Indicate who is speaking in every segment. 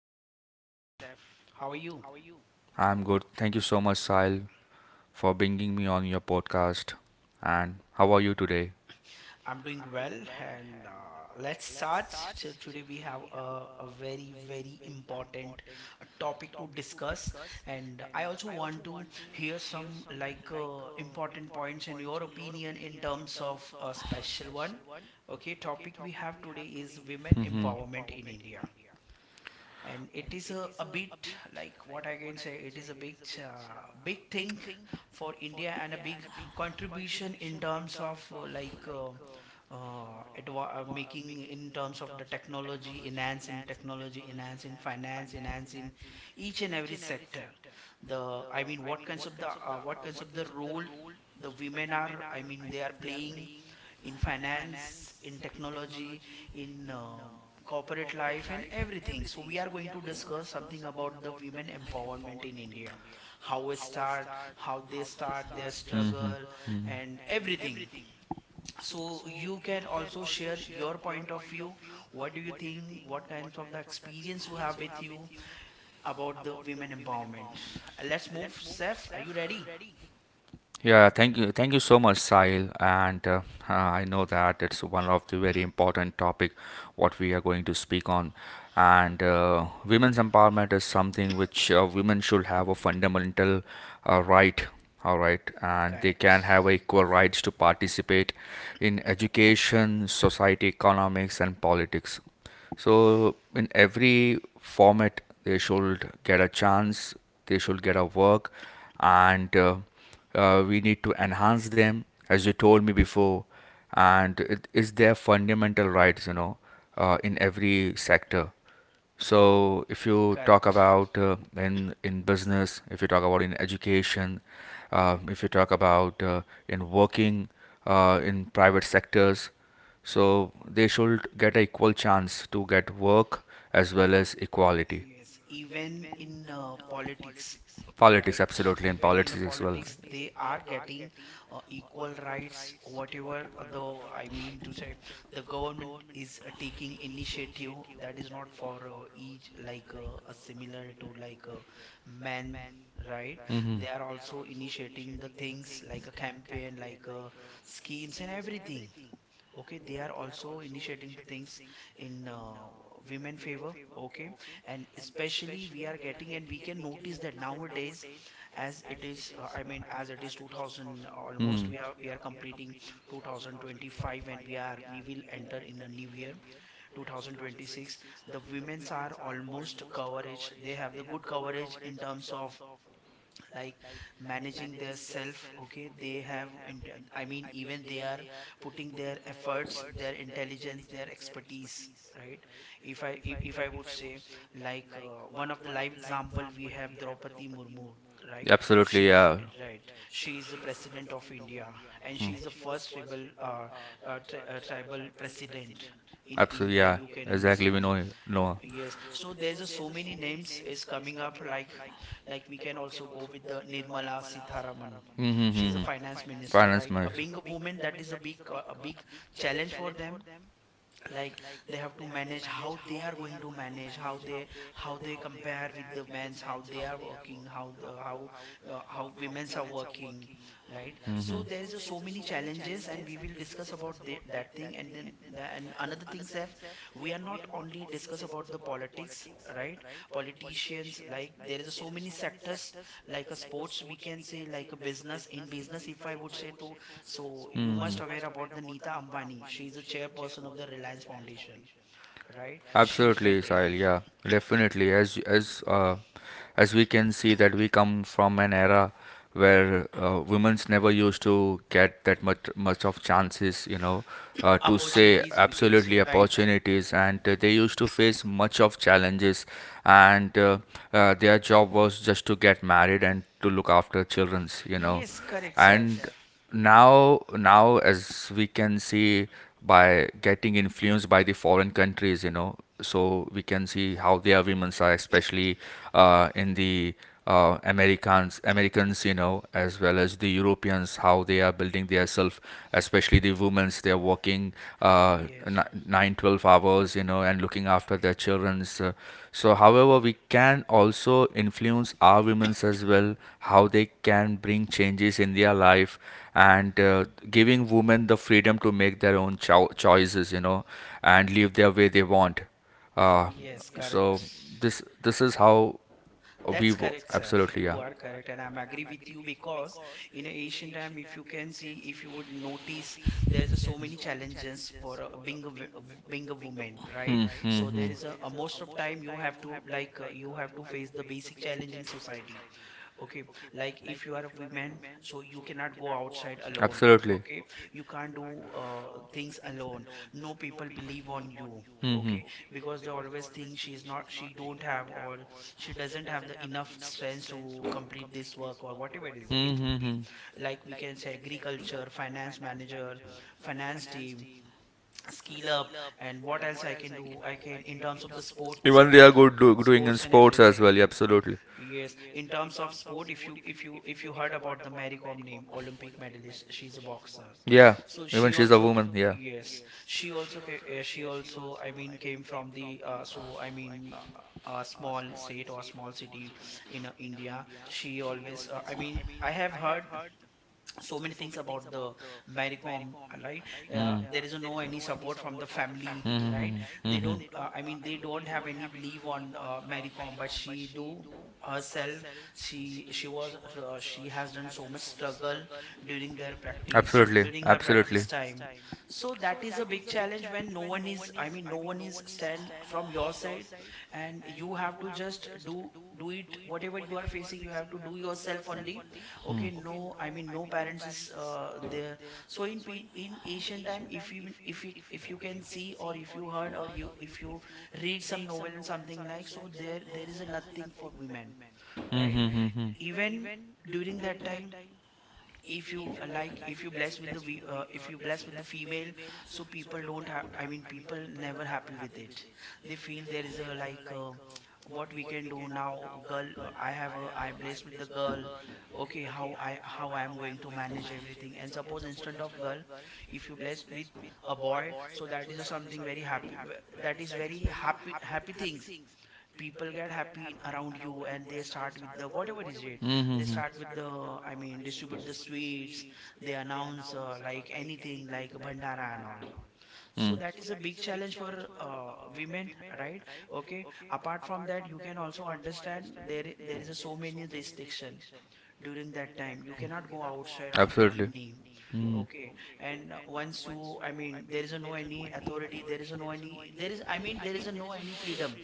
Speaker 1: So, Seth, how are you?
Speaker 2: I'm good. Thank you so much, Sahil, for bringing me on your podcast. And how are you today?
Speaker 1: I'm doing well, and let's start. So today we have a very, very important topic to discuss, and I also want to hear some like important points in your opinion in terms of a special one. Okay, topic we have today is women
Speaker 2: Mm-hmm.
Speaker 1: empowerment in India. And it is a bit, like what I can say, it is a big thing for India and a big contribution in terms of like making in terms of the technology enhance, in technology enhance, in finance enhance, in each and every sector, the I mean what kinds of the role the women are, I mean they are playing, in finance, in technology, in corporate life, and everything. So, we are going to discuss something about the women empowerment in India, how it start, how they start their struggle,
Speaker 2: Mm-hmm.
Speaker 1: and everything. So, you can also share your point of view. What do you think? What kinds of the experience you have with you about the women empowerment? Let's move. Seth, are you ready?
Speaker 2: Yeah, thank you. Thank you so much, Sahil. And I know that it's one of the very important topic what we are going to speak on. And women's empowerment is something which women should have a fundamental right. All right, and they
Speaker 1: Correct.
Speaker 2: can have equal rights to participate in education, society, economics, and politics. So in every format, they should get a chance. They should get a work and we need to enhance them, as you told me before. And it is their fundamental rights, you know, in every sector. So if you talk
Speaker 1: Correct.
Speaker 2: about in business, if you talk about in education, if you talk about in working in private sectors, so they should get an equal chance to get work as well as equality.
Speaker 1: Yes, even in politics,
Speaker 2: Politics,
Speaker 1: right?
Speaker 2: absolutely, and
Speaker 1: Even in the
Speaker 2: politics as well.
Speaker 1: politics, they are getting equal rights, whatever the, I mean to say, the government is taking initiative that is not for each, like a similar to like men, right?
Speaker 2: Mm-hmm.
Speaker 1: They are also initiating the things like a campaign, like schemes and everything. Okay, they are also initiating the things in women favor. Okay, and especially we are getting, and we can notice that nowadays, as it is 2000, almost
Speaker 2: Mm.
Speaker 1: we are completing 2025, and we will enter in a new year 2026. The women's are almost coverage, they have the good coverage in terms of like managing their self. Okay, they have in, I mean even they are putting their efforts, their intelligence, their expertise, right? If I would say, like one of the live example we have Draupadi Murmu, right? She,
Speaker 2: Absolutely, yeah.
Speaker 1: right, she is the president of India, and she is the first tribal president in
Speaker 2: Absolutely,
Speaker 1: India,
Speaker 2: yeah.
Speaker 1: you can
Speaker 2: Exactly, we know
Speaker 1: understand.
Speaker 2: it. Noah.
Speaker 1: Yes, so there's so many names is coming up, like we can also go with the Nirmala Sitharaman.
Speaker 2: The.
Speaker 1: She's a
Speaker 2: Mm-hmm.
Speaker 1: finance minister,
Speaker 2: Finance minister.
Speaker 1: right? Being a
Speaker 2: Minister.
Speaker 1: woman, that is a big challenge for them, like they have to manage how they are going to manage, how they compare with the men's, how they are working, how the, how women's are working, right? So
Speaker 2: Mm-hmm.
Speaker 1: there is so many challenges, and we will discuss about that thing. And then and another thing, Seth, we are not only discuss about the politics, right? Politicians, like there is so many sectors, like a sports we can say, like a business. In business if I would say to, so you must aware about the Nita Ambani. She is a chairperson of the Reliance Foundation, right? She is
Speaker 2: Absolutely,
Speaker 1: maintaining
Speaker 2: Sahil. Yeah, definitely. As as we can see that we come from an era where women's never used to get that much of chances, you know, to say
Speaker 1: opportunities, we can
Speaker 2: absolutely
Speaker 1: say, right?
Speaker 2: opportunities, and they used to face much of challenges, and their job was just to get married and to look after childrens, you know,
Speaker 1: Yes, correct, sir.
Speaker 2: and now as we can see by getting influenced by the foreign countries, you know, so we can see how their women's are especially in the Americans, you know, as well as the Europeans, how they are building their self, especially the women's. They are working uh,
Speaker 1: Yes,
Speaker 2: nine 12 hours, you know, and looking after their children's. So, however, we can also influence our women's as well, how they can bring changes in their life and giving women the freedom to make their own choices, you know, and live their way they want. Uh,
Speaker 1: yes, correct.
Speaker 2: so this is how
Speaker 1: That's correct, Saif.
Speaker 2: absolutely,
Speaker 1: You
Speaker 2: yeah.
Speaker 1: are correct, and I'm agree with you, because in a ancient time, if you can see, if you would notice, there's a so many challenges for being being a woman, right? So there is a most of time you have to face the basic challenge in society. Okay, like if you are a woman, so you cannot go outside alone.
Speaker 2: Absolutely.
Speaker 1: Okay, you can't do things alone. No people believe on you.
Speaker 2: Mhm.
Speaker 1: Okay, because they always think she's not, she don't have, or she doesn't have the enough strength to complete this work, or whatever is it would
Speaker 2: Mhm,
Speaker 1: be.
Speaker 2: mhm.
Speaker 1: Like we can say agriculture, finance manager, finance team, skill up. And what else I can do, I can in terms of the
Speaker 2: Even they are good doing in
Speaker 1: sports and
Speaker 2: sports as
Speaker 1: everything.
Speaker 2: well, yeah, absolutely.
Speaker 1: Yes, in terms of sport, if you if you heard about the Mary Kom name, Olympic medalist, she's a boxer.
Speaker 2: Yeah,
Speaker 1: So
Speaker 2: even she's a woman. Yeah.
Speaker 1: yes, she also, I mean, came from the so, I mean, a small state or small city in India. She always I mean, I have heard so many things about the Maricom, right? There is no any support from the family, right? they
Speaker 2: Hmm.
Speaker 1: don't uh, i mean they don't have any belief on Maricom, but she do herself. She she was uh, she has done so much struggle during their practice,
Speaker 2: Absolutely.
Speaker 1: during her
Speaker 2: Absolutely.
Speaker 1: practice time. So that is a big challenge when no one is I mean no one is stand from your side, and you have to just do it, whatever you are facing you have to do yourself only. Okay, no parents is there. So in in ancient time, if even if you can see, or if you heard, or you if you read some novel and something like, so there is a nothing for women,
Speaker 2: Mm-hmm.
Speaker 1: right?
Speaker 2: Mm-hmm.
Speaker 1: Even during that time, if you like if you bless with the we- if you bless with the female, so people don't have, I mean people never happy with it. They feel there is a like what we can do now, girl, I have a, I blessed with the girl. Okay, how I am going to manage everything. And suppose, instead of girl, if you blessed with a boy, so that is a something very happy, that is very happy, happy things. People get happy around you, and they start with the, whatever is it,
Speaker 2: Mm-hmm,
Speaker 1: they
Speaker 2: mm-hmm.
Speaker 1: start with the, I mean, distribute the sweets. They announce like anything, like bandara and all. So
Speaker 2: Mm,
Speaker 1: that is a big challenge for women, right? Okay, apart from that, you can also understand, there is a so many restriction during that time. You cannot go outside after
Speaker 2: absolutely.
Speaker 1: evening.
Speaker 2: Mm-hmm.
Speaker 1: Okay, and once you, I mean, there is a no any authority, there is a no any, there is, I mean, there is a no any freedom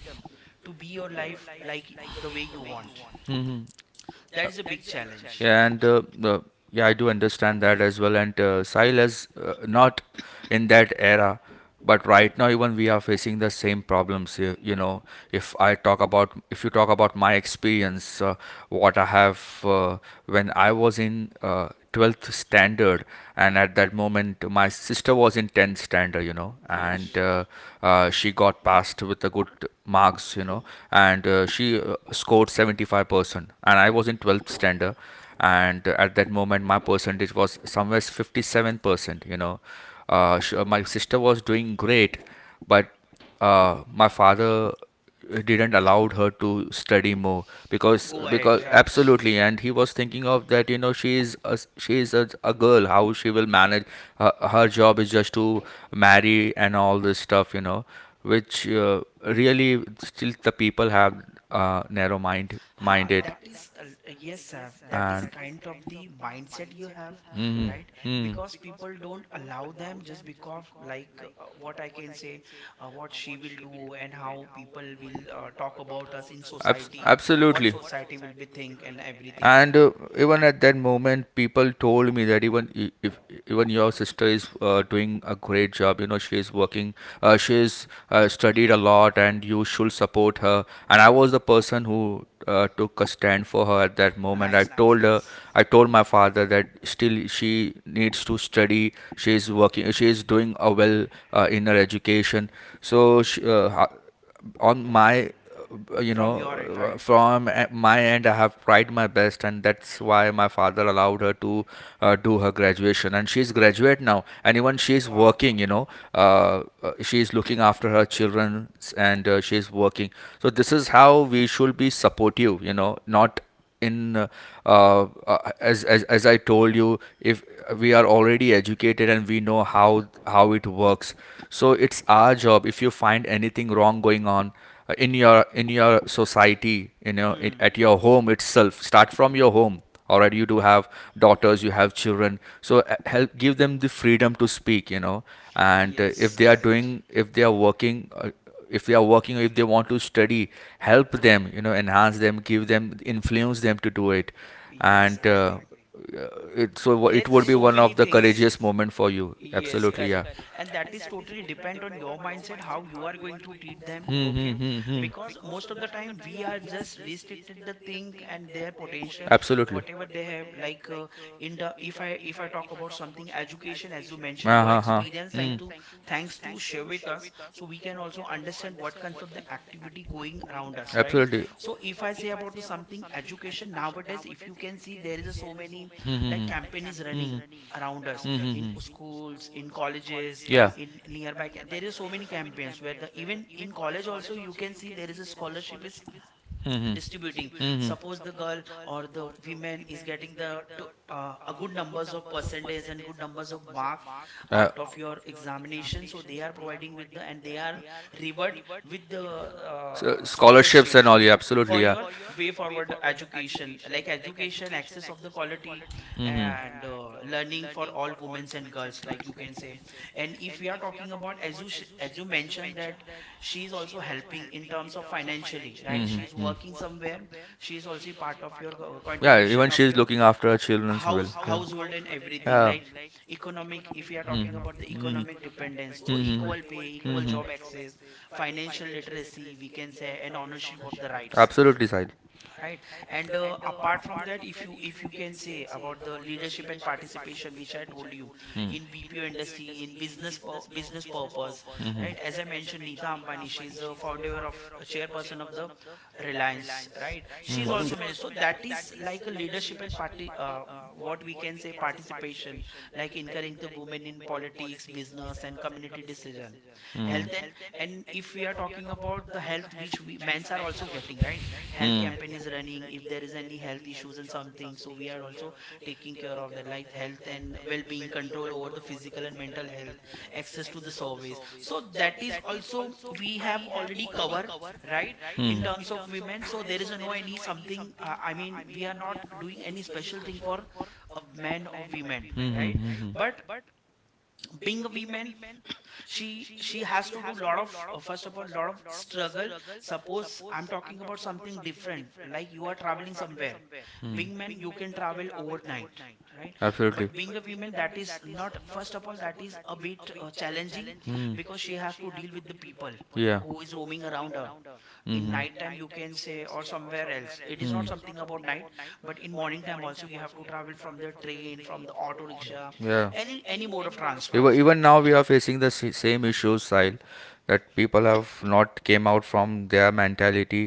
Speaker 1: to be your life, like the way you want.
Speaker 2: Mm-hmm.
Speaker 1: That is a big challenge.
Speaker 2: Yeah, and uh, uh, yeah, I do understand that as well. And Sahil is not in that era, but right now even we are facing the same problems. You know, if I talk about, if you talk about my experience, what I have when I was in 12th standard, and at that moment my sister was in 10th standard, you know, and
Speaker 1: Yes.
Speaker 2: uh, uh, she got passed with a good marks, you know, and she scored 75%, and I was in 12th standard, and at that moment my percentage was somewhere 57%, you know. My sister was doing great, but my father didn't allowed her to study more,
Speaker 1: Go
Speaker 2: because
Speaker 1: ahead, right.
Speaker 2: absolutely, and he was thinking of that, you know, she is a girl, how she will manage her, her job is just to marry and all this stuff, you know, which really still the people have narrow mind
Speaker 1: Ha,
Speaker 2: minded
Speaker 1: that is, yes, sir. That is
Speaker 2: and
Speaker 1: kind of the mindset you have,
Speaker 2: mm,
Speaker 1: right?
Speaker 2: mm,
Speaker 1: Because people don't allow them, just because like, what I can say, what she will do, and how people will talk about us in
Speaker 2: abs
Speaker 1: society, what
Speaker 2: absolutely.
Speaker 1: society will be think, and everything.
Speaker 2: And even at that moment, people told me that even if even your sister is doing a great job, you know, she's working, she's studied a lot, and you should support her. And I was the person who took a stand for her at that moment. I
Speaker 1: Nice,
Speaker 2: nice told her,
Speaker 1: nice.
Speaker 2: nice I told my father that still she needs to study. She's working. She is doing a well in her education. So she, on my uh, you know
Speaker 1: From your end, right?
Speaker 2: from my end, I have tried my best, and that's why my father allowed her to do her graduation, and she's graduate now, and even she's
Speaker 1: Wow.
Speaker 2: working, you know. She's looking after her children, and she's working. So this is how we should be supportive, you know, not in as I told you, if we are already educated and we know how it works, so it's our job. If you find anything wrong going on in your society, you know, it,
Speaker 1: Hmm.
Speaker 2: at your home itself, start from your home. Alright, you do have daughters, you have children, so help give them the freedom to speak, you know. And if they are doing, if they are working. If they are working, if they want to study, help them, you know, enhance them, give them, influence them to do it, and uh,
Speaker 1: Agree.
Speaker 2: uh, it so it would
Speaker 1: There's
Speaker 2: be
Speaker 1: so
Speaker 2: one
Speaker 1: many
Speaker 2: of the
Speaker 1: things.
Speaker 2: courageous moment for you,
Speaker 1: Yes,
Speaker 2: absolutely, yeah.
Speaker 1: correct. And that is totally depend on your mindset, how you are going to treat them.
Speaker 2: Hmm, hmm,
Speaker 1: Okay,
Speaker 2: hmm, hmm.
Speaker 1: because most of the time we are just restricted the thing and their potential,
Speaker 2: Absolutely.
Speaker 1: whatever they have. Like in the, if I talk about something education, as you mentioned, your
Speaker 2: uh, huh huh.
Speaker 1: experience,
Speaker 2: Hmm.
Speaker 1: thanks to share with us, so we can also understand what kinds of the activity going around us, right?
Speaker 2: Absolutely.
Speaker 1: So if I say about the something education, nowadays if you can see there is a so many like
Speaker 2: Hmm.
Speaker 1: campaign is
Speaker 2: Hmm.
Speaker 1: running around us,
Speaker 2: Hmm.
Speaker 1: in
Speaker 2: Hmm.
Speaker 1: schools, in colleges,
Speaker 2: Yeah. Colleges.
Speaker 1: in nearby there is so many campaigns, where the, even in college also, you can see there is a scholarship is
Speaker 2: Hmm.
Speaker 1: distributing.
Speaker 2: Hmm.
Speaker 1: Suppose the girl or the women is getting a good numbers of percentage and good numbers of marks
Speaker 2: Uh,
Speaker 1: out of your examination, so they are providing with the, and they are reward with the
Speaker 2: so scholarships
Speaker 1: scholarship
Speaker 2: and all. Yeah, absolutely.
Speaker 1: for
Speaker 2: Yeah.
Speaker 1: your way forward education, like education access of the quality,
Speaker 2: Hmm.
Speaker 1: and learning for all women and girls, like you can say. And if we are talking about, as you mentioned, that she is also helping in terms of financially, right? She is working somewhere. She is also part of your
Speaker 2: Yeah. Even
Speaker 1: contribution of
Speaker 2: she's
Speaker 1: your
Speaker 2: looking after her children's how well.
Speaker 1: household and
Speaker 2: We.
Speaker 1: everything, like economic. If we are
Speaker 2: Hmm.
Speaker 1: talking about the
Speaker 2: Hmm.
Speaker 1: economic dependence, so
Speaker 2: Hmm.
Speaker 1: equal pay, equal job access, financial literacy we can say, and ownership of the rights,
Speaker 2: Absolutely, Sahil.
Speaker 1: right? And apart from that, if you can say about the leadership and participation which I told you, in BPO industry, in business business purpose, right? As I mentioned, Neeta Ambani, she's a founder of a chairperson of the Reliance, right? She's also managed, so that is like a leadership and party, what we can say, participation, like encouraging the women in politics, business, and community decision, health. And if we are talking about the health, which we men's are also getting, right? Health campaign is running. If there is any health issues and something, so we are also taking care of that, like health and well-being, control over the physical and mental health, access to the service. So that is also we have already covered, right? In terms of women, so there is a no any something, I mean we are not doing any special thing for a man or women, right?
Speaker 2: Hmm.
Speaker 1: But being a woman, she has to do lot of first of all lot of struggle. Suppose I'm talking about something different, like you are traveling somewhere. Being men,
Speaker 2: Mm-hmm.
Speaker 1: you can travel overnight, right? But
Speaker 2: Absolutely.
Speaker 1: being a woman, that is not, first of all that is a bit challenging, because she has to deal with the people
Speaker 2: Yeah.
Speaker 1: who is roaming around her in night time, you can say, or somewhere else, it is not something about night, but in morning time also you have to travel from the train, from the auto rickshaw,
Speaker 2: Yeah.
Speaker 1: any mode of transport.
Speaker 2: Even even now we are facing the same issues, Sahil, that people have not came out from their mentality.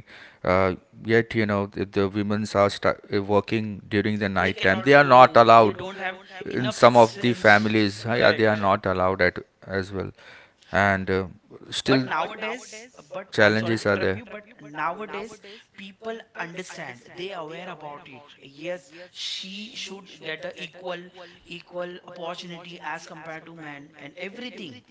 Speaker 2: Uh, Yet, you know, the women's are sta working during the
Speaker 1: They
Speaker 2: night time.
Speaker 1: cannot
Speaker 2: They are not
Speaker 1: do, they
Speaker 2: allowed
Speaker 1: don't have
Speaker 2: in
Speaker 1: enough
Speaker 2: some of the
Speaker 1: sense.
Speaker 2: families. Yeah, they
Speaker 1: Correct.
Speaker 2: are not allowed at as well, and still
Speaker 1: But nowadays, but I'm sorry to
Speaker 2: challenges are
Speaker 1: interrupt
Speaker 2: there.
Speaker 1: you, but nowadays people understand. They aware about it. Yes, she should get a equal opportunity as compared to men and everything,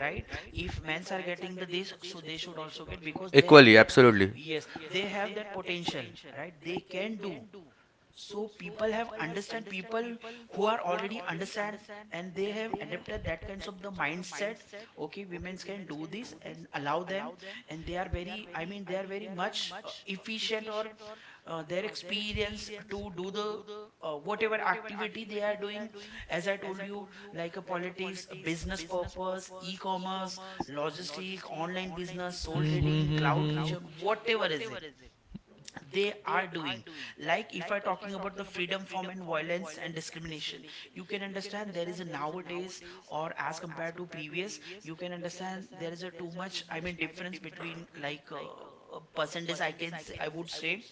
Speaker 1: right? If men's are getting the this, so they should also get because they have
Speaker 2: Equally,
Speaker 1: that.
Speaker 2: absolutely.
Speaker 1: Yes, they have that potential, right? They can do. So people have understand, people who are already understand and they have adapted that kinds of the mindset, okay women can do this and allow them, and they are very, I mean they are very much efficient, or their experience to do the whatever activity they are doing, as I told you, like a politics, a business purpose, e-commerce, logistic, online business, soul trading, cloud kitchen, whatever is it, they are doing. Like if I talking about the freedom from and violence and discrimination, you can understand there is a nowadays, or as compared to previous, you can understand there is a too much, I mean, difference between, like a percentage, I can say, I would say,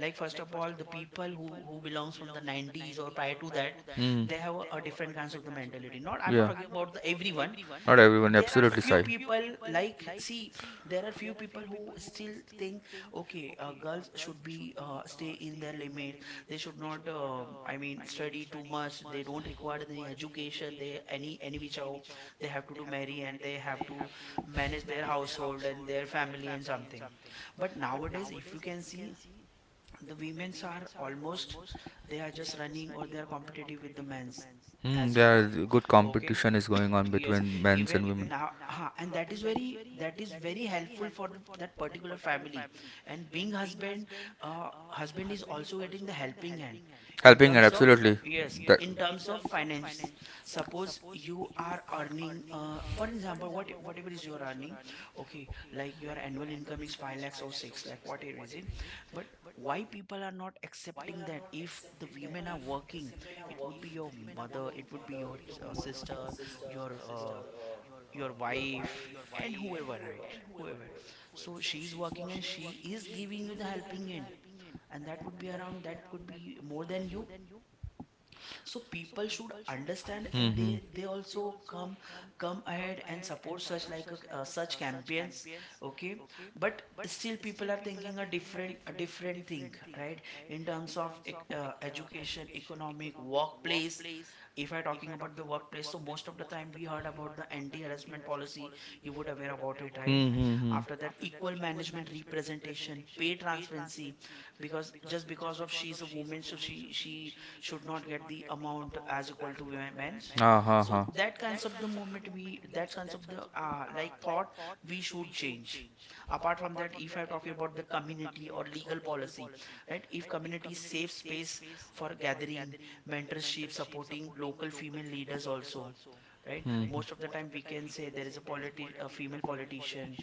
Speaker 1: like first of all the people who belongs from the 90s or prior to that,
Speaker 2: Mm,
Speaker 1: they have a different kinds of the mentality. Not, I'm not
Speaker 2: yeah,
Speaker 1: talking about the everyone.
Speaker 2: not everyone.
Speaker 1: There are
Speaker 2: Absolutely,
Speaker 1: few
Speaker 2: Sahil.
Speaker 1: people, like see, there are few people who still think, okay girls should be stay in their limit. They should not, I mean, study too much. They don't require any education, they, any which how, they have to do marry and they have to manage their household and their family and something. But nowadays if you can see, the women's are almost, they are just running, or they are competitive with the men's,
Speaker 2: Mm,
Speaker 1: as
Speaker 2: there
Speaker 1: equal.
Speaker 2: is good
Speaker 1: Okay.
Speaker 2: competition is going on
Speaker 1: Yes.
Speaker 2: between men's
Speaker 1: Even
Speaker 2: and women.
Speaker 1: now, huh, and that is very, that is very helpful for the, that particular family. And being husband, husband is also getting the helping hand in
Speaker 2: Helping and
Speaker 1: terms of.
Speaker 2: absolutely.
Speaker 1: Yes,
Speaker 2: That.
Speaker 1: in terms of finance. Suppose you are earning, for example, whatever is your earning. Okay, like your annual income is 5 lakhs or 6 lakh, whatever is it, but why people are not accepting that if the women are working, it would be your mother, it would be your sister, your uh, your wife, and whoever, right? Whoever. So she's working and she is giving you the helping hand, and that would be around, that could be more than you. So people should understand,
Speaker 2: Hmm.
Speaker 1: and
Speaker 2: Hmm.
Speaker 1: they also come ahead and support such such campaigns. Okay, but still people are thinking a different thing, right? In terms of education, economic, workplace, if I talking about the workplace, so most of the time we heard about the anti-harassment policy. You would aware about it, right?
Speaker 2: Mm-hmm.
Speaker 1: After that, equal management representation, pay transparency, because just because of she's a woman, so she should not get the amount as equal to men's.
Speaker 2: Ah, ha,
Speaker 1: So
Speaker 2: ha.
Speaker 1: that kinds of the moment we, that kinds of the like thought, we should change. Apart from that, if I'm talking about the community or legal policy, right? If community safe space for gathering, mentorship, supporting local female leaders also, right? Most of the time we can say there is a a female politician,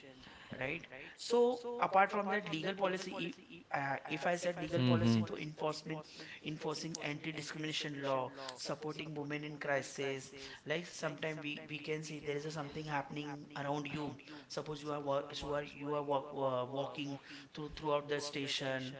Speaker 1: right? So apart from that, legal policy, if I said legal policy to enforcement, enforcing anti-discrimination law, supporting women in crisis. Like sometimes we can see there is a something happening around you. Suppose you are you are walking throughout the station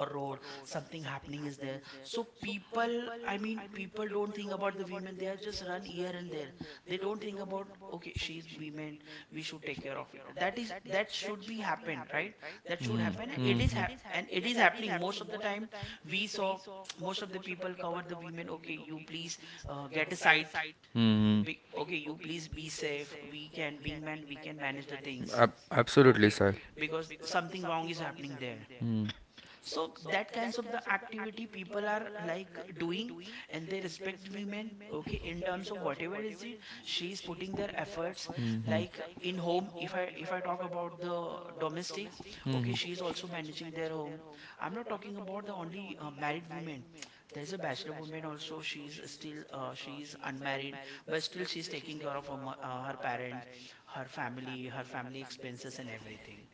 Speaker 1: or road, something happening is there, so people, I mean people don't think about the women, they are just run here and there. They don't think about, okay she's women, we should take care of it, that is, that should be happened, right? That should
Speaker 2: Hmm.
Speaker 1: happen, and
Speaker 2: Hmm. Hmm. Mm,
Speaker 1: and it is happening most of the time. We saw most of the people cover the women, okay you please get a site,
Speaker 2: mm.
Speaker 1: okay you please be safe, we can, being men we can manage the things.
Speaker 2: Ab- absolutely,
Speaker 1: Okay,
Speaker 2: sir.
Speaker 1: because something wrong is happening there.
Speaker 2: Hmm.
Speaker 1: So that kinds of the activity people are like doing, and they respect women. Okay, in terms of whatever is it, she is putting their efforts, like in home, if I talk about the domestic. Okay, she is also managing their home. I'm not talking about the only married women. There is a bachelor woman also, she is still she is unmarried, but still she is taking care of her, her parents, her family, her family expenses and everything.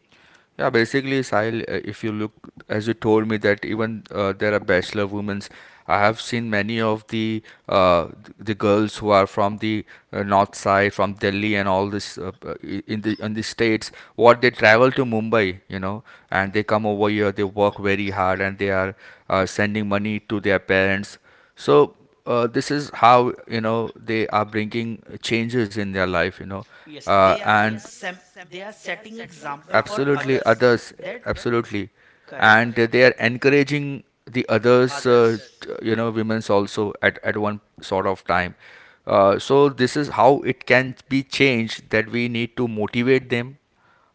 Speaker 2: Yeah, basically, Sahil, if you look, as you told me that even there are bachelor women's, I have seen many of uh, the girls who are from the north side, from Delhi and all this in the states, what they travel to Mumbai, you know, and they come over here, they work very hard, and they are sending money to their parents. So this is how, you know, they are bringing changes in their life, you know,
Speaker 1: Yes,
Speaker 2: uh,
Speaker 1: they are
Speaker 2: and
Speaker 1: sem they are setting example for
Speaker 2: absolutely
Speaker 1: others.
Speaker 2: others,
Speaker 1: That.
Speaker 2: absolutely,
Speaker 1: Correct.
Speaker 2: and they are encouraging the others,
Speaker 1: Others.
Speaker 2: you know, women's also at one sort of time. So this is how it can be changed, that we need to motivate them.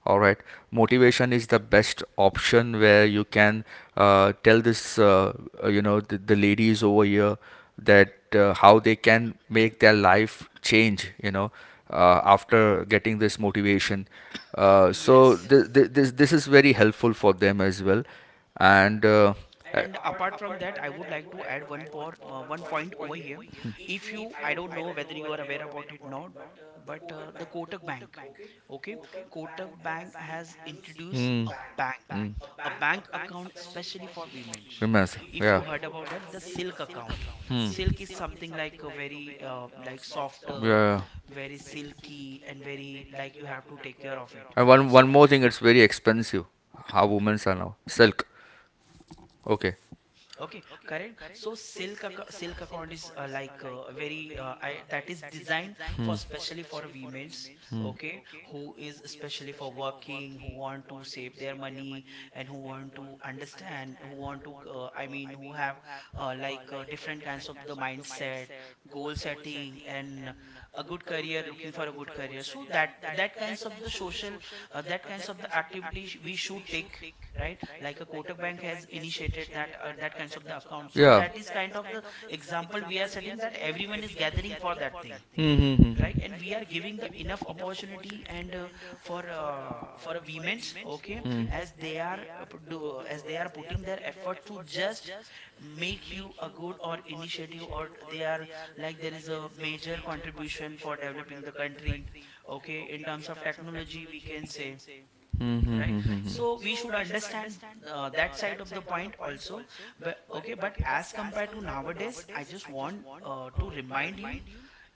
Speaker 2: All right. Motivation is the best option where you can tell this, you know, the ladies over here, that how they can make their life change, you know, after getting this motivation. So
Speaker 1: Yes.
Speaker 2: th th this this is very helpful for them as well. And uh,
Speaker 1: And apart from that, I would like to add one point over here. If you, I don't know whether you are aware about it or not, but the Kotak Bank. Okay, Kotak Bank has introduced a
Speaker 2: hmm,
Speaker 1: bank, a bank account specially for women.
Speaker 2: remember,
Speaker 1: If you
Speaker 2: yeah,
Speaker 1: heard about that, the Silk account. Silk is something like a very, like softer,
Speaker 2: yeah.
Speaker 1: very silky, and very, like you have to take care of it.
Speaker 2: And one one
Speaker 1: So.
Speaker 2: more thing, it's very expensive. How women's are now silk. Okay.
Speaker 1: Okay, correct. So silk account is, like very, I, that is designed for especially for women's, okay, who is especially for working, who want to save their money, and who want to understand, who want to, I mean who have like different kinds of the mindset, goal setting, and a good career, looking for a good career. So that kinds of the social, that kinds of the activities we should take. Right, like a Kotak Bank has initiated that, that kinds of the account. So that is kind of the example we are setting, that everyone is gathering for that thing,
Speaker 2: Hmm. Hmm. Hmm.
Speaker 1: right? And we are giving the enough opportunity, and for a women's, okay, as they are, do, as they are putting their effort to just make you a good, or initiative, or they are, like there is a major contribution for developing the country, okay, in terms of technology we can say,
Speaker 2: Hmm. Hmm.
Speaker 1: right?
Speaker 2: Hmm. Hmm.
Speaker 1: So
Speaker 2: Hmm.
Speaker 1: we should understand, that side of the point also. But okay, but as compared to nowadays, I just want, to remind you,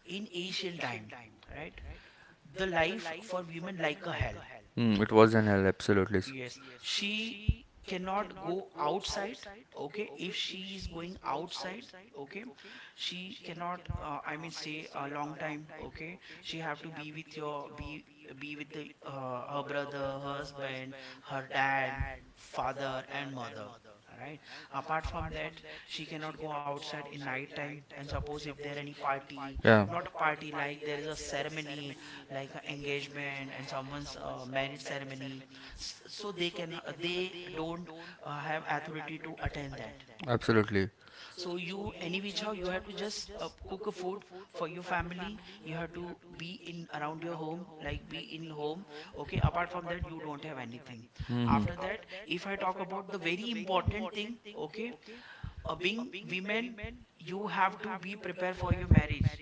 Speaker 1: in ancient time, right? The life for women like a hell.
Speaker 2: Hmm, it was an hell, absolutely.
Speaker 1: Yes, she cannot go outside. Okay, if she is going outside, okay, she cannot. I mean, stay a long time. Okay, she have to be be with the, her brother, husband, her dad, father, and mother. All right. Apart from that, she cannot go outside in night time. And suppose if there any party, not a party, like there is a ceremony, like a engagement and someone's marriage ceremony. So they don't have authority to attend that.
Speaker 2: Absolutely.
Speaker 1: So you any which how, you have to just cook a food for your family. You have to be in around your home, like be in home. Okay, apart from that you don't have anything.
Speaker 2: Hmm. Hmm.
Speaker 1: After that, if I talk about the very important thing, okay, being women, you have to be prepared for your marriage.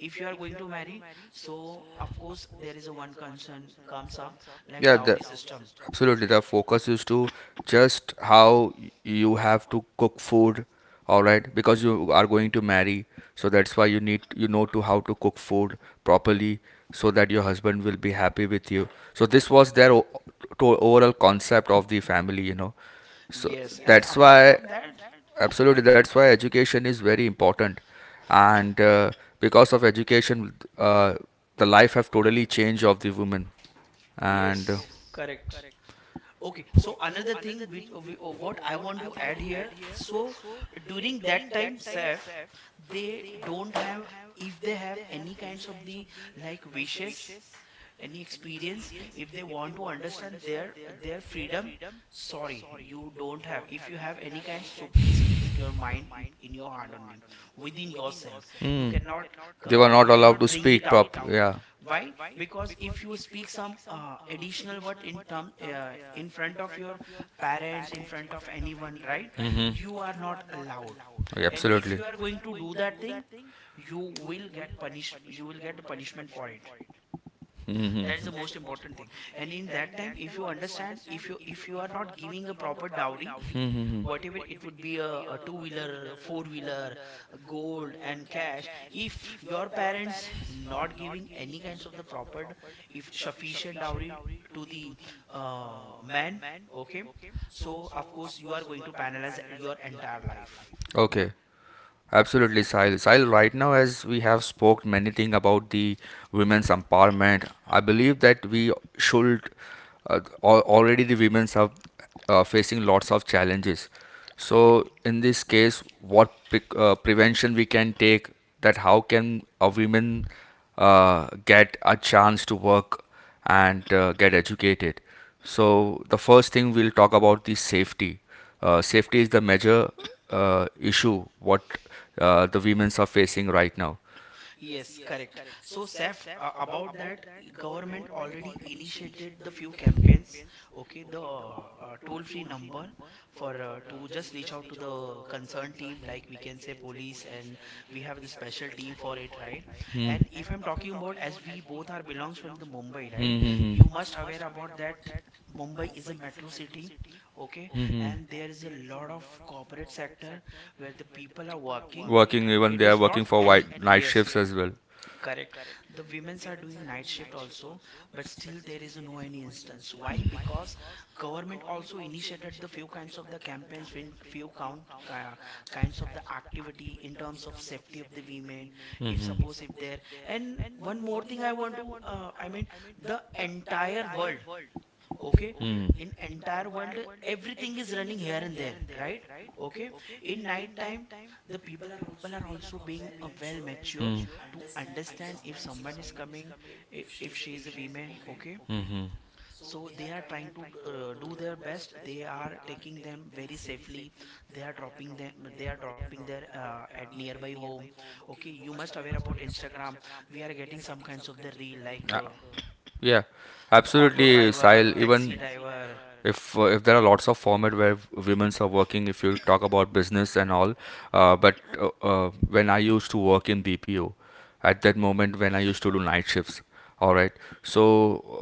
Speaker 1: If you are going to marry, so of course there is a one concern comes up, like
Speaker 2: Yeah, the,
Speaker 1: dowry system.
Speaker 2: absolutely. The focus is to just you have to cook food, all right, because you are going to marry. So that's why you need, you know, to how to cook food properly, so that your husband will be happy with you. So this was their to overall concept of the family, you know. So
Speaker 1: Yes, and
Speaker 2: that's
Speaker 1: apart
Speaker 2: why
Speaker 1: from that,
Speaker 2: absolutely
Speaker 1: and.
Speaker 2: that's why education is very important, and because of education the life have totally changed of the women, and
Speaker 1: Yes, correct. Okay, so another thing which what I want to add here, so during that time, Saif, they don't have, if they have any kinds of the like wishes, any experience, if they want to understand their freedom. Sorry, you don't have, if you have any kind, so please keep it your mind, in your heart only, within yourself. You cannot,
Speaker 2: they were not
Speaker 1: you
Speaker 2: allowed
Speaker 1: cannot
Speaker 2: to
Speaker 1: bring
Speaker 2: speak
Speaker 1: it
Speaker 2: prop.
Speaker 1: out.
Speaker 2: Yeah,
Speaker 1: Why? Because if you speak some additional word in term, in front of your parents, in front of anyone, right? You are not allowed.
Speaker 2: yeah,
Speaker 1: And if
Speaker 2: absolutely.
Speaker 1: you are going to do that thing, you will get punished, you will get a punishment for it.
Speaker 2: Hmm.
Speaker 1: That is the most important thing. And in that time, if you understand, if you are not giving a proper dowry,
Speaker 2: Hmm.
Speaker 1: whatever it would be, a two wheeler, four wheeler, gold and cash, if your parents not giving any kinds of the proper, if sufficient dowry to the man, okay, so of course you are going to penalize your entire life.
Speaker 2: Okay, absolutely, Sahil. Sahil, right now, as we have spoke many thing about the women's empowerment, I believe that we should already the women's are facing lots of challenges. So, in this case, what prevention we can take, that how can a woman get a chance to work and get educated. So the first thing we'll talk about the safety. Safety is the major issue what the women's are facing right now.
Speaker 1: Yes, correct. So, Saif, about that, government already initiated the few campaigns. Okay, the toll-free number for to just reach out to the concerned team, like we can say police, and we have the special team for it, right? Mhm. And if I'm talking about, as we both are belongs from the Mumbai, right?
Speaker 2: Hmm.
Speaker 1: You
Speaker 2: Hmm.
Speaker 1: must aware about that. Mumbai is a metro city, okay,
Speaker 2: Hmm.
Speaker 1: and there is a lot of corporate sector where the people are working.
Speaker 2: Working even
Speaker 1: It
Speaker 2: they are
Speaker 1: is
Speaker 2: working
Speaker 1: not
Speaker 2: for
Speaker 1: any,
Speaker 2: white night
Speaker 1: yes,
Speaker 2: shifts as well.
Speaker 1: correct. The women's are doing night shift also, but still there is no any instance. Why? Because government also initiated the few kinds of the campaigns, few count uh, kinds of the activity in terms of safety of the women. If suppose if there, and one more thing I want to, I mean, the entire world, okay,
Speaker 2: Hmm.
Speaker 1: in entire world everything is running here and there, right, okay. In night time, the people are also being well matured
Speaker 2: Hmm.
Speaker 1: to understand, if someone is coming, if she is a woman, okay,
Speaker 2: Hmm.
Speaker 1: so they are trying to do their best, they are taking them very safely, they are dropping them, they are dropping their at nearby home. Okay, you must aware about Instagram, we are getting some kinds of the reel like
Speaker 2: Uh, yeah,
Speaker 1: the auto
Speaker 2: absolutely,
Speaker 1: driver,
Speaker 2: Sahil.
Speaker 1: taxi
Speaker 2: Even
Speaker 1: driver.
Speaker 2: if there are lots of format where women's are working if you talk about business and all. But When I used to work in BPO, at that moment when I used to do night shifts, all right. so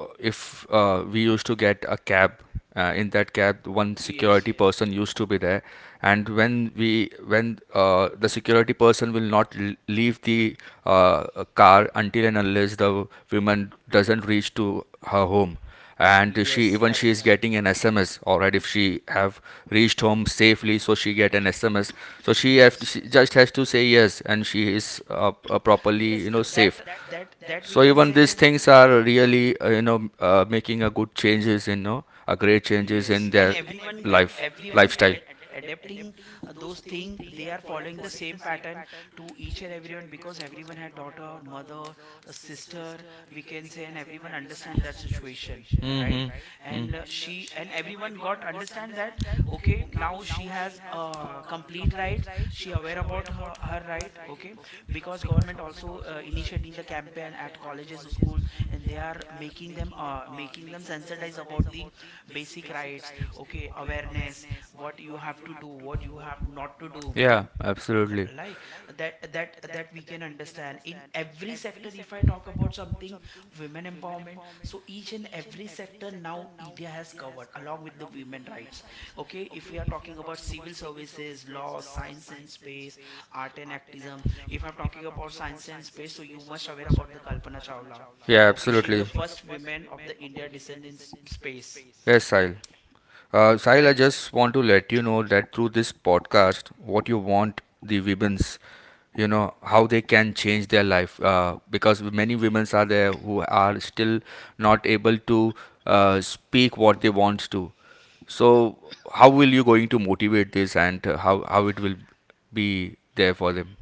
Speaker 2: uh, if we used to get a cab. In that cab, one
Speaker 1: Yes,
Speaker 2: security person used to be there, and when the security person will not leave the uh, car until and unless the woman doesn't reach to her home. And she
Speaker 1: yes,
Speaker 2: even she is
Speaker 1: correct.
Speaker 2: getting an SMS, all right, if she have reached home safely, so she get an SMS. So she, have
Speaker 1: Has
Speaker 2: she just has
Speaker 1: Yes.
Speaker 2: to say yes and she is properly,
Speaker 1: Yes, that
Speaker 2: safe.
Speaker 1: that we
Speaker 2: So
Speaker 1: can
Speaker 2: even these
Speaker 1: say.
Speaker 2: things are really, making a good changes, you know, a great changes in
Speaker 1: Yes, and
Speaker 2: their life,
Speaker 1: everyone
Speaker 2: lifestyle.
Speaker 1: adapt, adapting those things, they are following the same pattern to each and everyone, because everyone had daughter, mother, a sister, we can say, and everyone understand that situation, right?
Speaker 2: Hmm.
Speaker 1: And she, and everyone got understand that, okay, now she has complete rights, she aware about her right, okay, because government also initiating the campaign at colleges, school, and they are making them sensitize about the basic rights, okay, awareness, what you have to do, what you have not to do,
Speaker 2: Yeah, absolutely, right?
Speaker 1: like that we can understand in every sector. If I talk about something, women empowerment, so each and every sector now India has covered along with the women rights, okay. If we are talking about civil services, law, science and space, art and activism, if I'm talking about science and space, so you must aware about the Kalpana Chawla,
Speaker 2: Yeah, so
Speaker 1: okay, she's the
Speaker 2: absolutely.
Speaker 1: first woman of the India descent in space.
Speaker 2: Yes, Sahil. Sahil, I
Speaker 1: Correct.
Speaker 2: just want to let you know that through this podcast, what you want the women's, you know, how they can change their life. Because many women's are there who are still not able to speak what they want to. So, how will you going to motivate this, and how it will be there for them?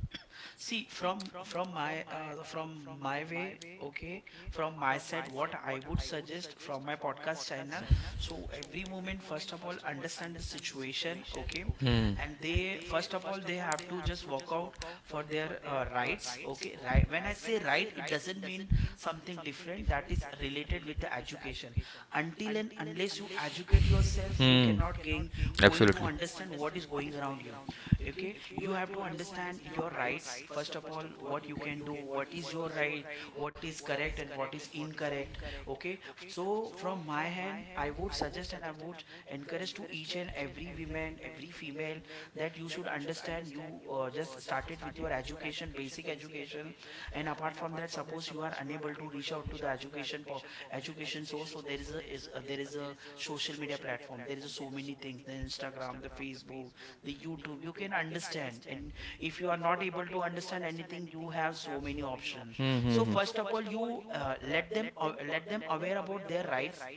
Speaker 1: See, from my from my way, okay, from my side, what I would suggest from my podcast channel. So every moment, first of all, understand the situation, okay,
Speaker 2: Hmm.
Speaker 1: and they first of all they have to just walk out for their rights, okay. Right. When I say right, it doesn't mean something different, that is related with the education. Until and unless you educate yourself, you
Speaker 2: Hmm.
Speaker 1: cannot gain going to
Speaker 2: Absolutely.
Speaker 1: understand what is going around you, okay. You have to understand your rights, first of all, what you can do, what is your right, what is correct and what is incorrect, okay. So from my hand I would suggest, and I would encourage to each and every woman, every female, that you should understand, you just started with your education, basic education, and apart from that, suppose you are unable to reach out to the education education source, so there there is a social media platform, there is a so many things, the Instagram, the Facebook, the YouTube, you can understand. And if you are not able to understand anything, you have so many options. So
Speaker 2: Hmm. Hmm.
Speaker 1: first of all, you let them let them aware about their rights,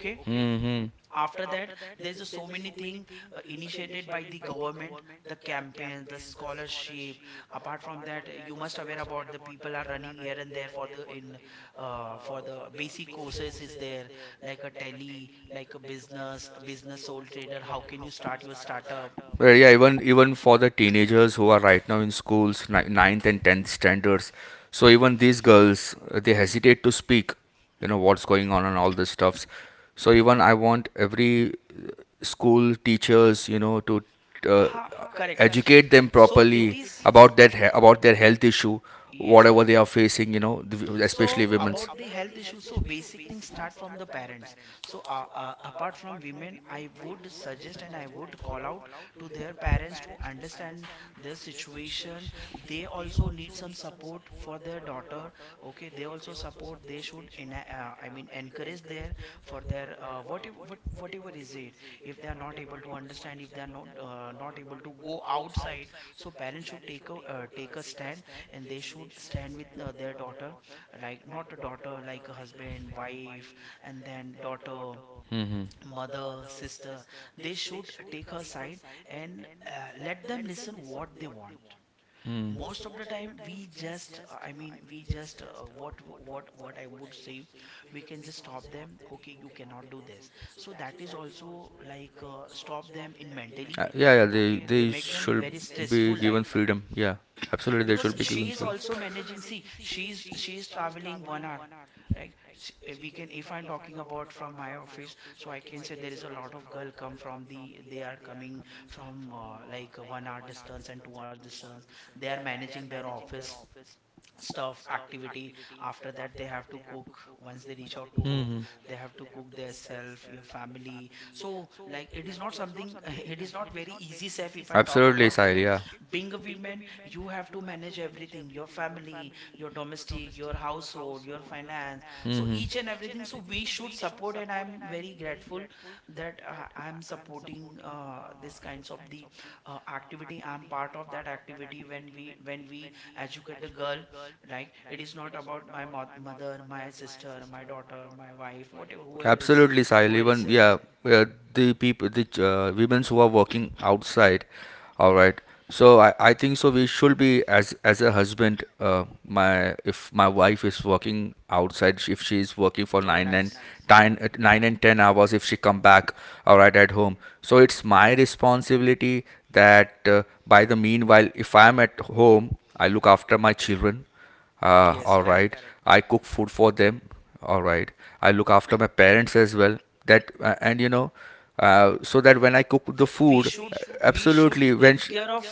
Speaker 2: Okay. Hmm.
Speaker 1: After that, there's a so many thing initiated by the government, the campaign, the scholarship. Apart from that, you must aware about the people are running here and there for the in for the basic courses is there, like a tele, like a business, a business sole trader, how can you start your startup.
Speaker 2: Well, yeah, even for the teenagers who are right now in schools, ninth and tenth standards. So even these girls, they hesitate to speak. You know what's going on and all this stuffs. So even I want every school teachers, you know, to uh,
Speaker 1: Ha, correct,
Speaker 2: educate them
Speaker 1: so it
Speaker 2: properly
Speaker 1: is.
Speaker 2: about about their health issue,
Speaker 1: Yes.
Speaker 2: whatever they are facing. You know, especially
Speaker 1: So
Speaker 2: women's.
Speaker 1: about the health issues, so basic things start from the parents. So apart from women, I would suggest, and I would call out to their parents to understand their situation. They also need some support for their daughter. Okay, they also support. They should, in I mean, encourage their for their whatever, whatever is it. If they are not able to understand, if they are not able to go outside, so parents should take a take a stand, and they should stand with their daughter, like not a daughter, like a husband, wife, and then daughter,
Speaker 2: Mm-hmm.
Speaker 1: mother, sister, they should take her side. And let them listen what they want. Most of the time we just I mean we just what what I would say, we can just stop them, okay, you cannot do this, so that is also like stop them in mentally,
Speaker 2: Yeah, yeah, they
Speaker 1: okay, they
Speaker 2: they
Speaker 1: make them
Speaker 2: should
Speaker 1: very
Speaker 2: be
Speaker 1: stressful
Speaker 2: given
Speaker 1: life.
Speaker 2: freedom. Yeah, absolutely, they
Speaker 1: Because
Speaker 2: should be given
Speaker 1: she is
Speaker 2: freedom.
Speaker 1: also managing, see she is traveling 1 hour, right? We can, if I'm talking about from my office, so I can say there is a lot of girl come from the, they are coming from like a 1 hour distance and 2 hour distance. They are managing their office stuff activity, after that they have to cook. Once they reach out to home, they have to cook their self, your family, so like it is not something it is not very easy self, if I talk
Speaker 2: Absolutely,
Speaker 1: about,
Speaker 2: Sahil.
Speaker 1: okay.
Speaker 2: Yeah.
Speaker 1: Yeah. Being a woman you have to manage everything, your family, your domestic, your household, your finance, so
Speaker 2: And
Speaker 1: each
Speaker 2: so,
Speaker 1: and everything, so we should support. And I'm very grateful that I'm supporting this kinds of the activity, I'm part of that activity, when we educate the girl, right? It is not about my mother, my sister, my daughter, my wife, whatever,
Speaker 2: absolutely, Sahil.
Speaker 1: whoever is
Speaker 2: Even
Speaker 1: there.
Speaker 2: yeah, yeah, the people, the women who are working outside. All right. So I think so. We should be as a husband. My if my wife is working outside, if she is working for
Speaker 1: Oh
Speaker 2: nine and
Speaker 1: nice.
Speaker 2: nine, 9 and 10 hours, if she come back, all right, at home. So it's my responsibility that by the meanwhile, if I am at home, I look after my children,
Speaker 1: Yes,
Speaker 2: all right.
Speaker 1: correct.
Speaker 2: I cook food for them. All right. I look after my parents as well. That and you know, so that when I cook the
Speaker 1: we
Speaker 2: food,
Speaker 1: should we should
Speaker 2: absolutely, when
Speaker 1: take
Speaker 2: sh
Speaker 1: care of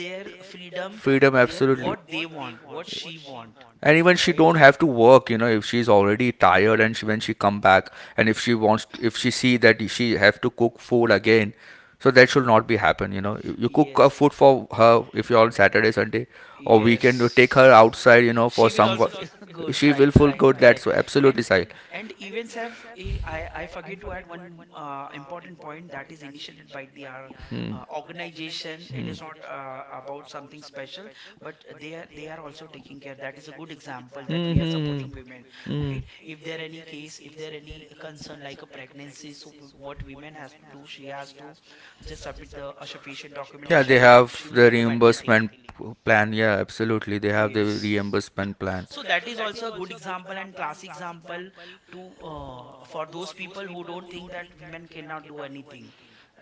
Speaker 1: their freedom,
Speaker 2: freedom,
Speaker 1: their
Speaker 2: absolutely.
Speaker 1: what they want, what she want,
Speaker 2: And even she
Speaker 1: right?
Speaker 2: don't have to work, you know, if she's already tired and she, when she come back, and if she wants, if she see that she have to cook food again, so that should not be happen. You know, you cook a
Speaker 1: Yes.
Speaker 2: food for her. If you're on Saturday, Sunday or weekend, you
Speaker 1: Yes.
Speaker 2: take her outside, you know, for
Speaker 1: She will
Speaker 2: some
Speaker 1: also feel good,
Speaker 2: she will
Speaker 1: right,
Speaker 2: feel
Speaker 1: right,
Speaker 2: good, that's
Speaker 1: correct.
Speaker 2: absolutely
Speaker 1: And
Speaker 2: side.
Speaker 1: and events have, I forget to add one important point, that is initiated by the our
Speaker 2: Mm.
Speaker 1: organization. It is not about something special, but they are also taking care. That is a good example, that we are supporting women,
Speaker 2: Mm-hmm. Mm.
Speaker 1: right? If there any case, if there any concern like a pregnancy, so what women has to do, she has to just submit the a sufficient document, and
Speaker 2: Yeah,
Speaker 1: she
Speaker 2: they
Speaker 1: will she
Speaker 2: have
Speaker 1: will
Speaker 2: the
Speaker 1: get the maternity
Speaker 2: reimbursement
Speaker 1: leave.
Speaker 2: plan, yeah, absolutely they have the
Speaker 1: Yes.
Speaker 2: reimbursement plan.
Speaker 1: So that is also a good example, and classic example to for those people who don't think that women cannot do anything,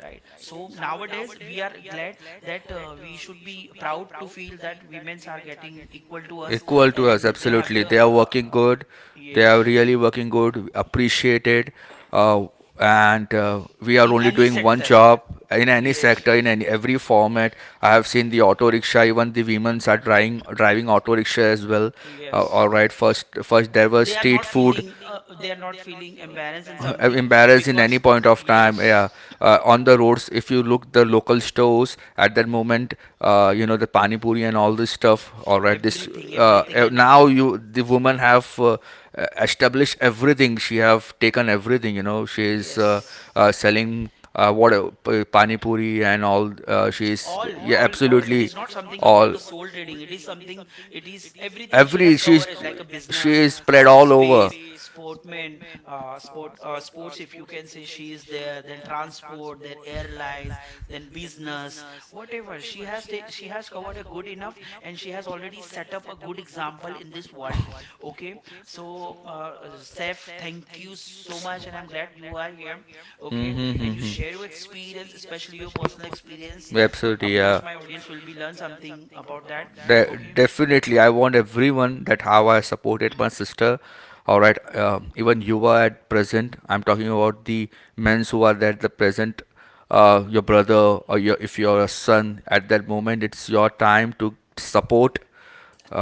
Speaker 1: right? So nowadays we are glad that we should be proud to feel that women are getting equal to us,
Speaker 2: Equal to us,
Speaker 1: and they have
Speaker 2: absolutely
Speaker 1: the
Speaker 2: they are
Speaker 1: uh,
Speaker 2: working good. They
Speaker 1: yes,
Speaker 2: are really working good, appreciated. uh, and we are
Speaker 1: in
Speaker 2: only
Speaker 1: any
Speaker 2: doing one
Speaker 1: sector.
Speaker 2: job in any
Speaker 1: Yes,
Speaker 2: sector, in any every format. I have seen the auto rickshaw, even the women are driving auto rickshaw as well. All
Speaker 1: yes.
Speaker 2: right, first there was
Speaker 1: They are
Speaker 2: street
Speaker 1: not
Speaker 2: food.
Speaker 1: feeling they are not feeling embarrassed and something
Speaker 2: Embarrassed in any
Speaker 1: because
Speaker 2: point of time, yeah.
Speaker 1: yes,
Speaker 2: On the roads if you look the local stores at that moment, you know, the pani puri and all this stuff, all right, this
Speaker 1: everything,
Speaker 2: now you the woman have established
Speaker 1: uh,
Speaker 2: everything, she have taken everything, you know, she is selling pani puri and all, she is, yeah
Speaker 1: all. She, it
Speaker 2: absolutely,
Speaker 1: is not something
Speaker 2: all,
Speaker 1: the soul trading. It is something, it is everything.
Speaker 2: every,
Speaker 1: It like a she
Speaker 2: she
Speaker 1: business,
Speaker 2: is spread all over.
Speaker 1: sportman, sports, if you can say, she is there, then transport, then airlines, then business, whatever she has covered a good enough, and she has already set up a good example in this world, okay. So Seth, thank you so much, and I'm glad you are here, okay,
Speaker 2: Mm-hmm,
Speaker 1: and you share
Speaker 2: mm-hmm.
Speaker 1: your experience, especially your personal experience.
Speaker 2: Absolutely,
Speaker 1: Of
Speaker 2: yeah.
Speaker 1: course my audience will be learn something about that. Okay,
Speaker 2: Definitely, I want everyone that how I supported my sister. All right, even you are at present. I'm talking about the men's who are at the present. Your brother or your if you're a son at that moment, it's your time to support,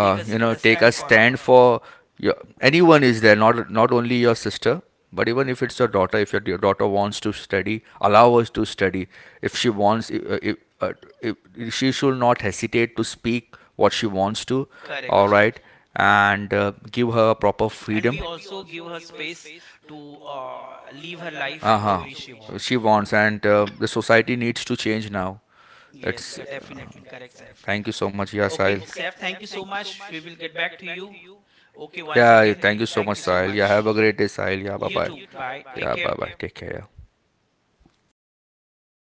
Speaker 1: take a,
Speaker 2: you know,
Speaker 1: a
Speaker 2: take a
Speaker 1: stand for her.
Speaker 2: stand for your anyone is there, not only your sister, but even if it's your daughter, if your daughter wants to study, allow us to study. If she wants uh, if, she should not hesitate to speak what she wants to, all
Speaker 1: Correct.
Speaker 2: right. And give her proper
Speaker 1: And
Speaker 2: freedom.
Speaker 1: we also give her space to live her life the
Speaker 2: Uh-huh.
Speaker 1: way she
Speaker 2: She
Speaker 1: wants.
Speaker 2: wants, and the society needs to change now.
Speaker 1: Yes,
Speaker 2: It's,
Speaker 1: definitely correct, Saif.
Speaker 2: thank you so much,
Speaker 1: Okay
Speaker 2: Yasail.
Speaker 1: Saif, thank you so much, we will get back to you, okay, once
Speaker 2: Yeah,
Speaker 1: again
Speaker 2: thank you so
Speaker 1: thank
Speaker 2: much,
Speaker 1: you so
Speaker 2: Sahil. Yeah,
Speaker 1: much.
Speaker 2: have a great day, Sahil. Yeah, bye
Speaker 1: You
Speaker 2: bye.
Speaker 1: too, bye, take
Speaker 2: Yeah, bye
Speaker 1: care.
Speaker 2: bye. Take care. Yeah.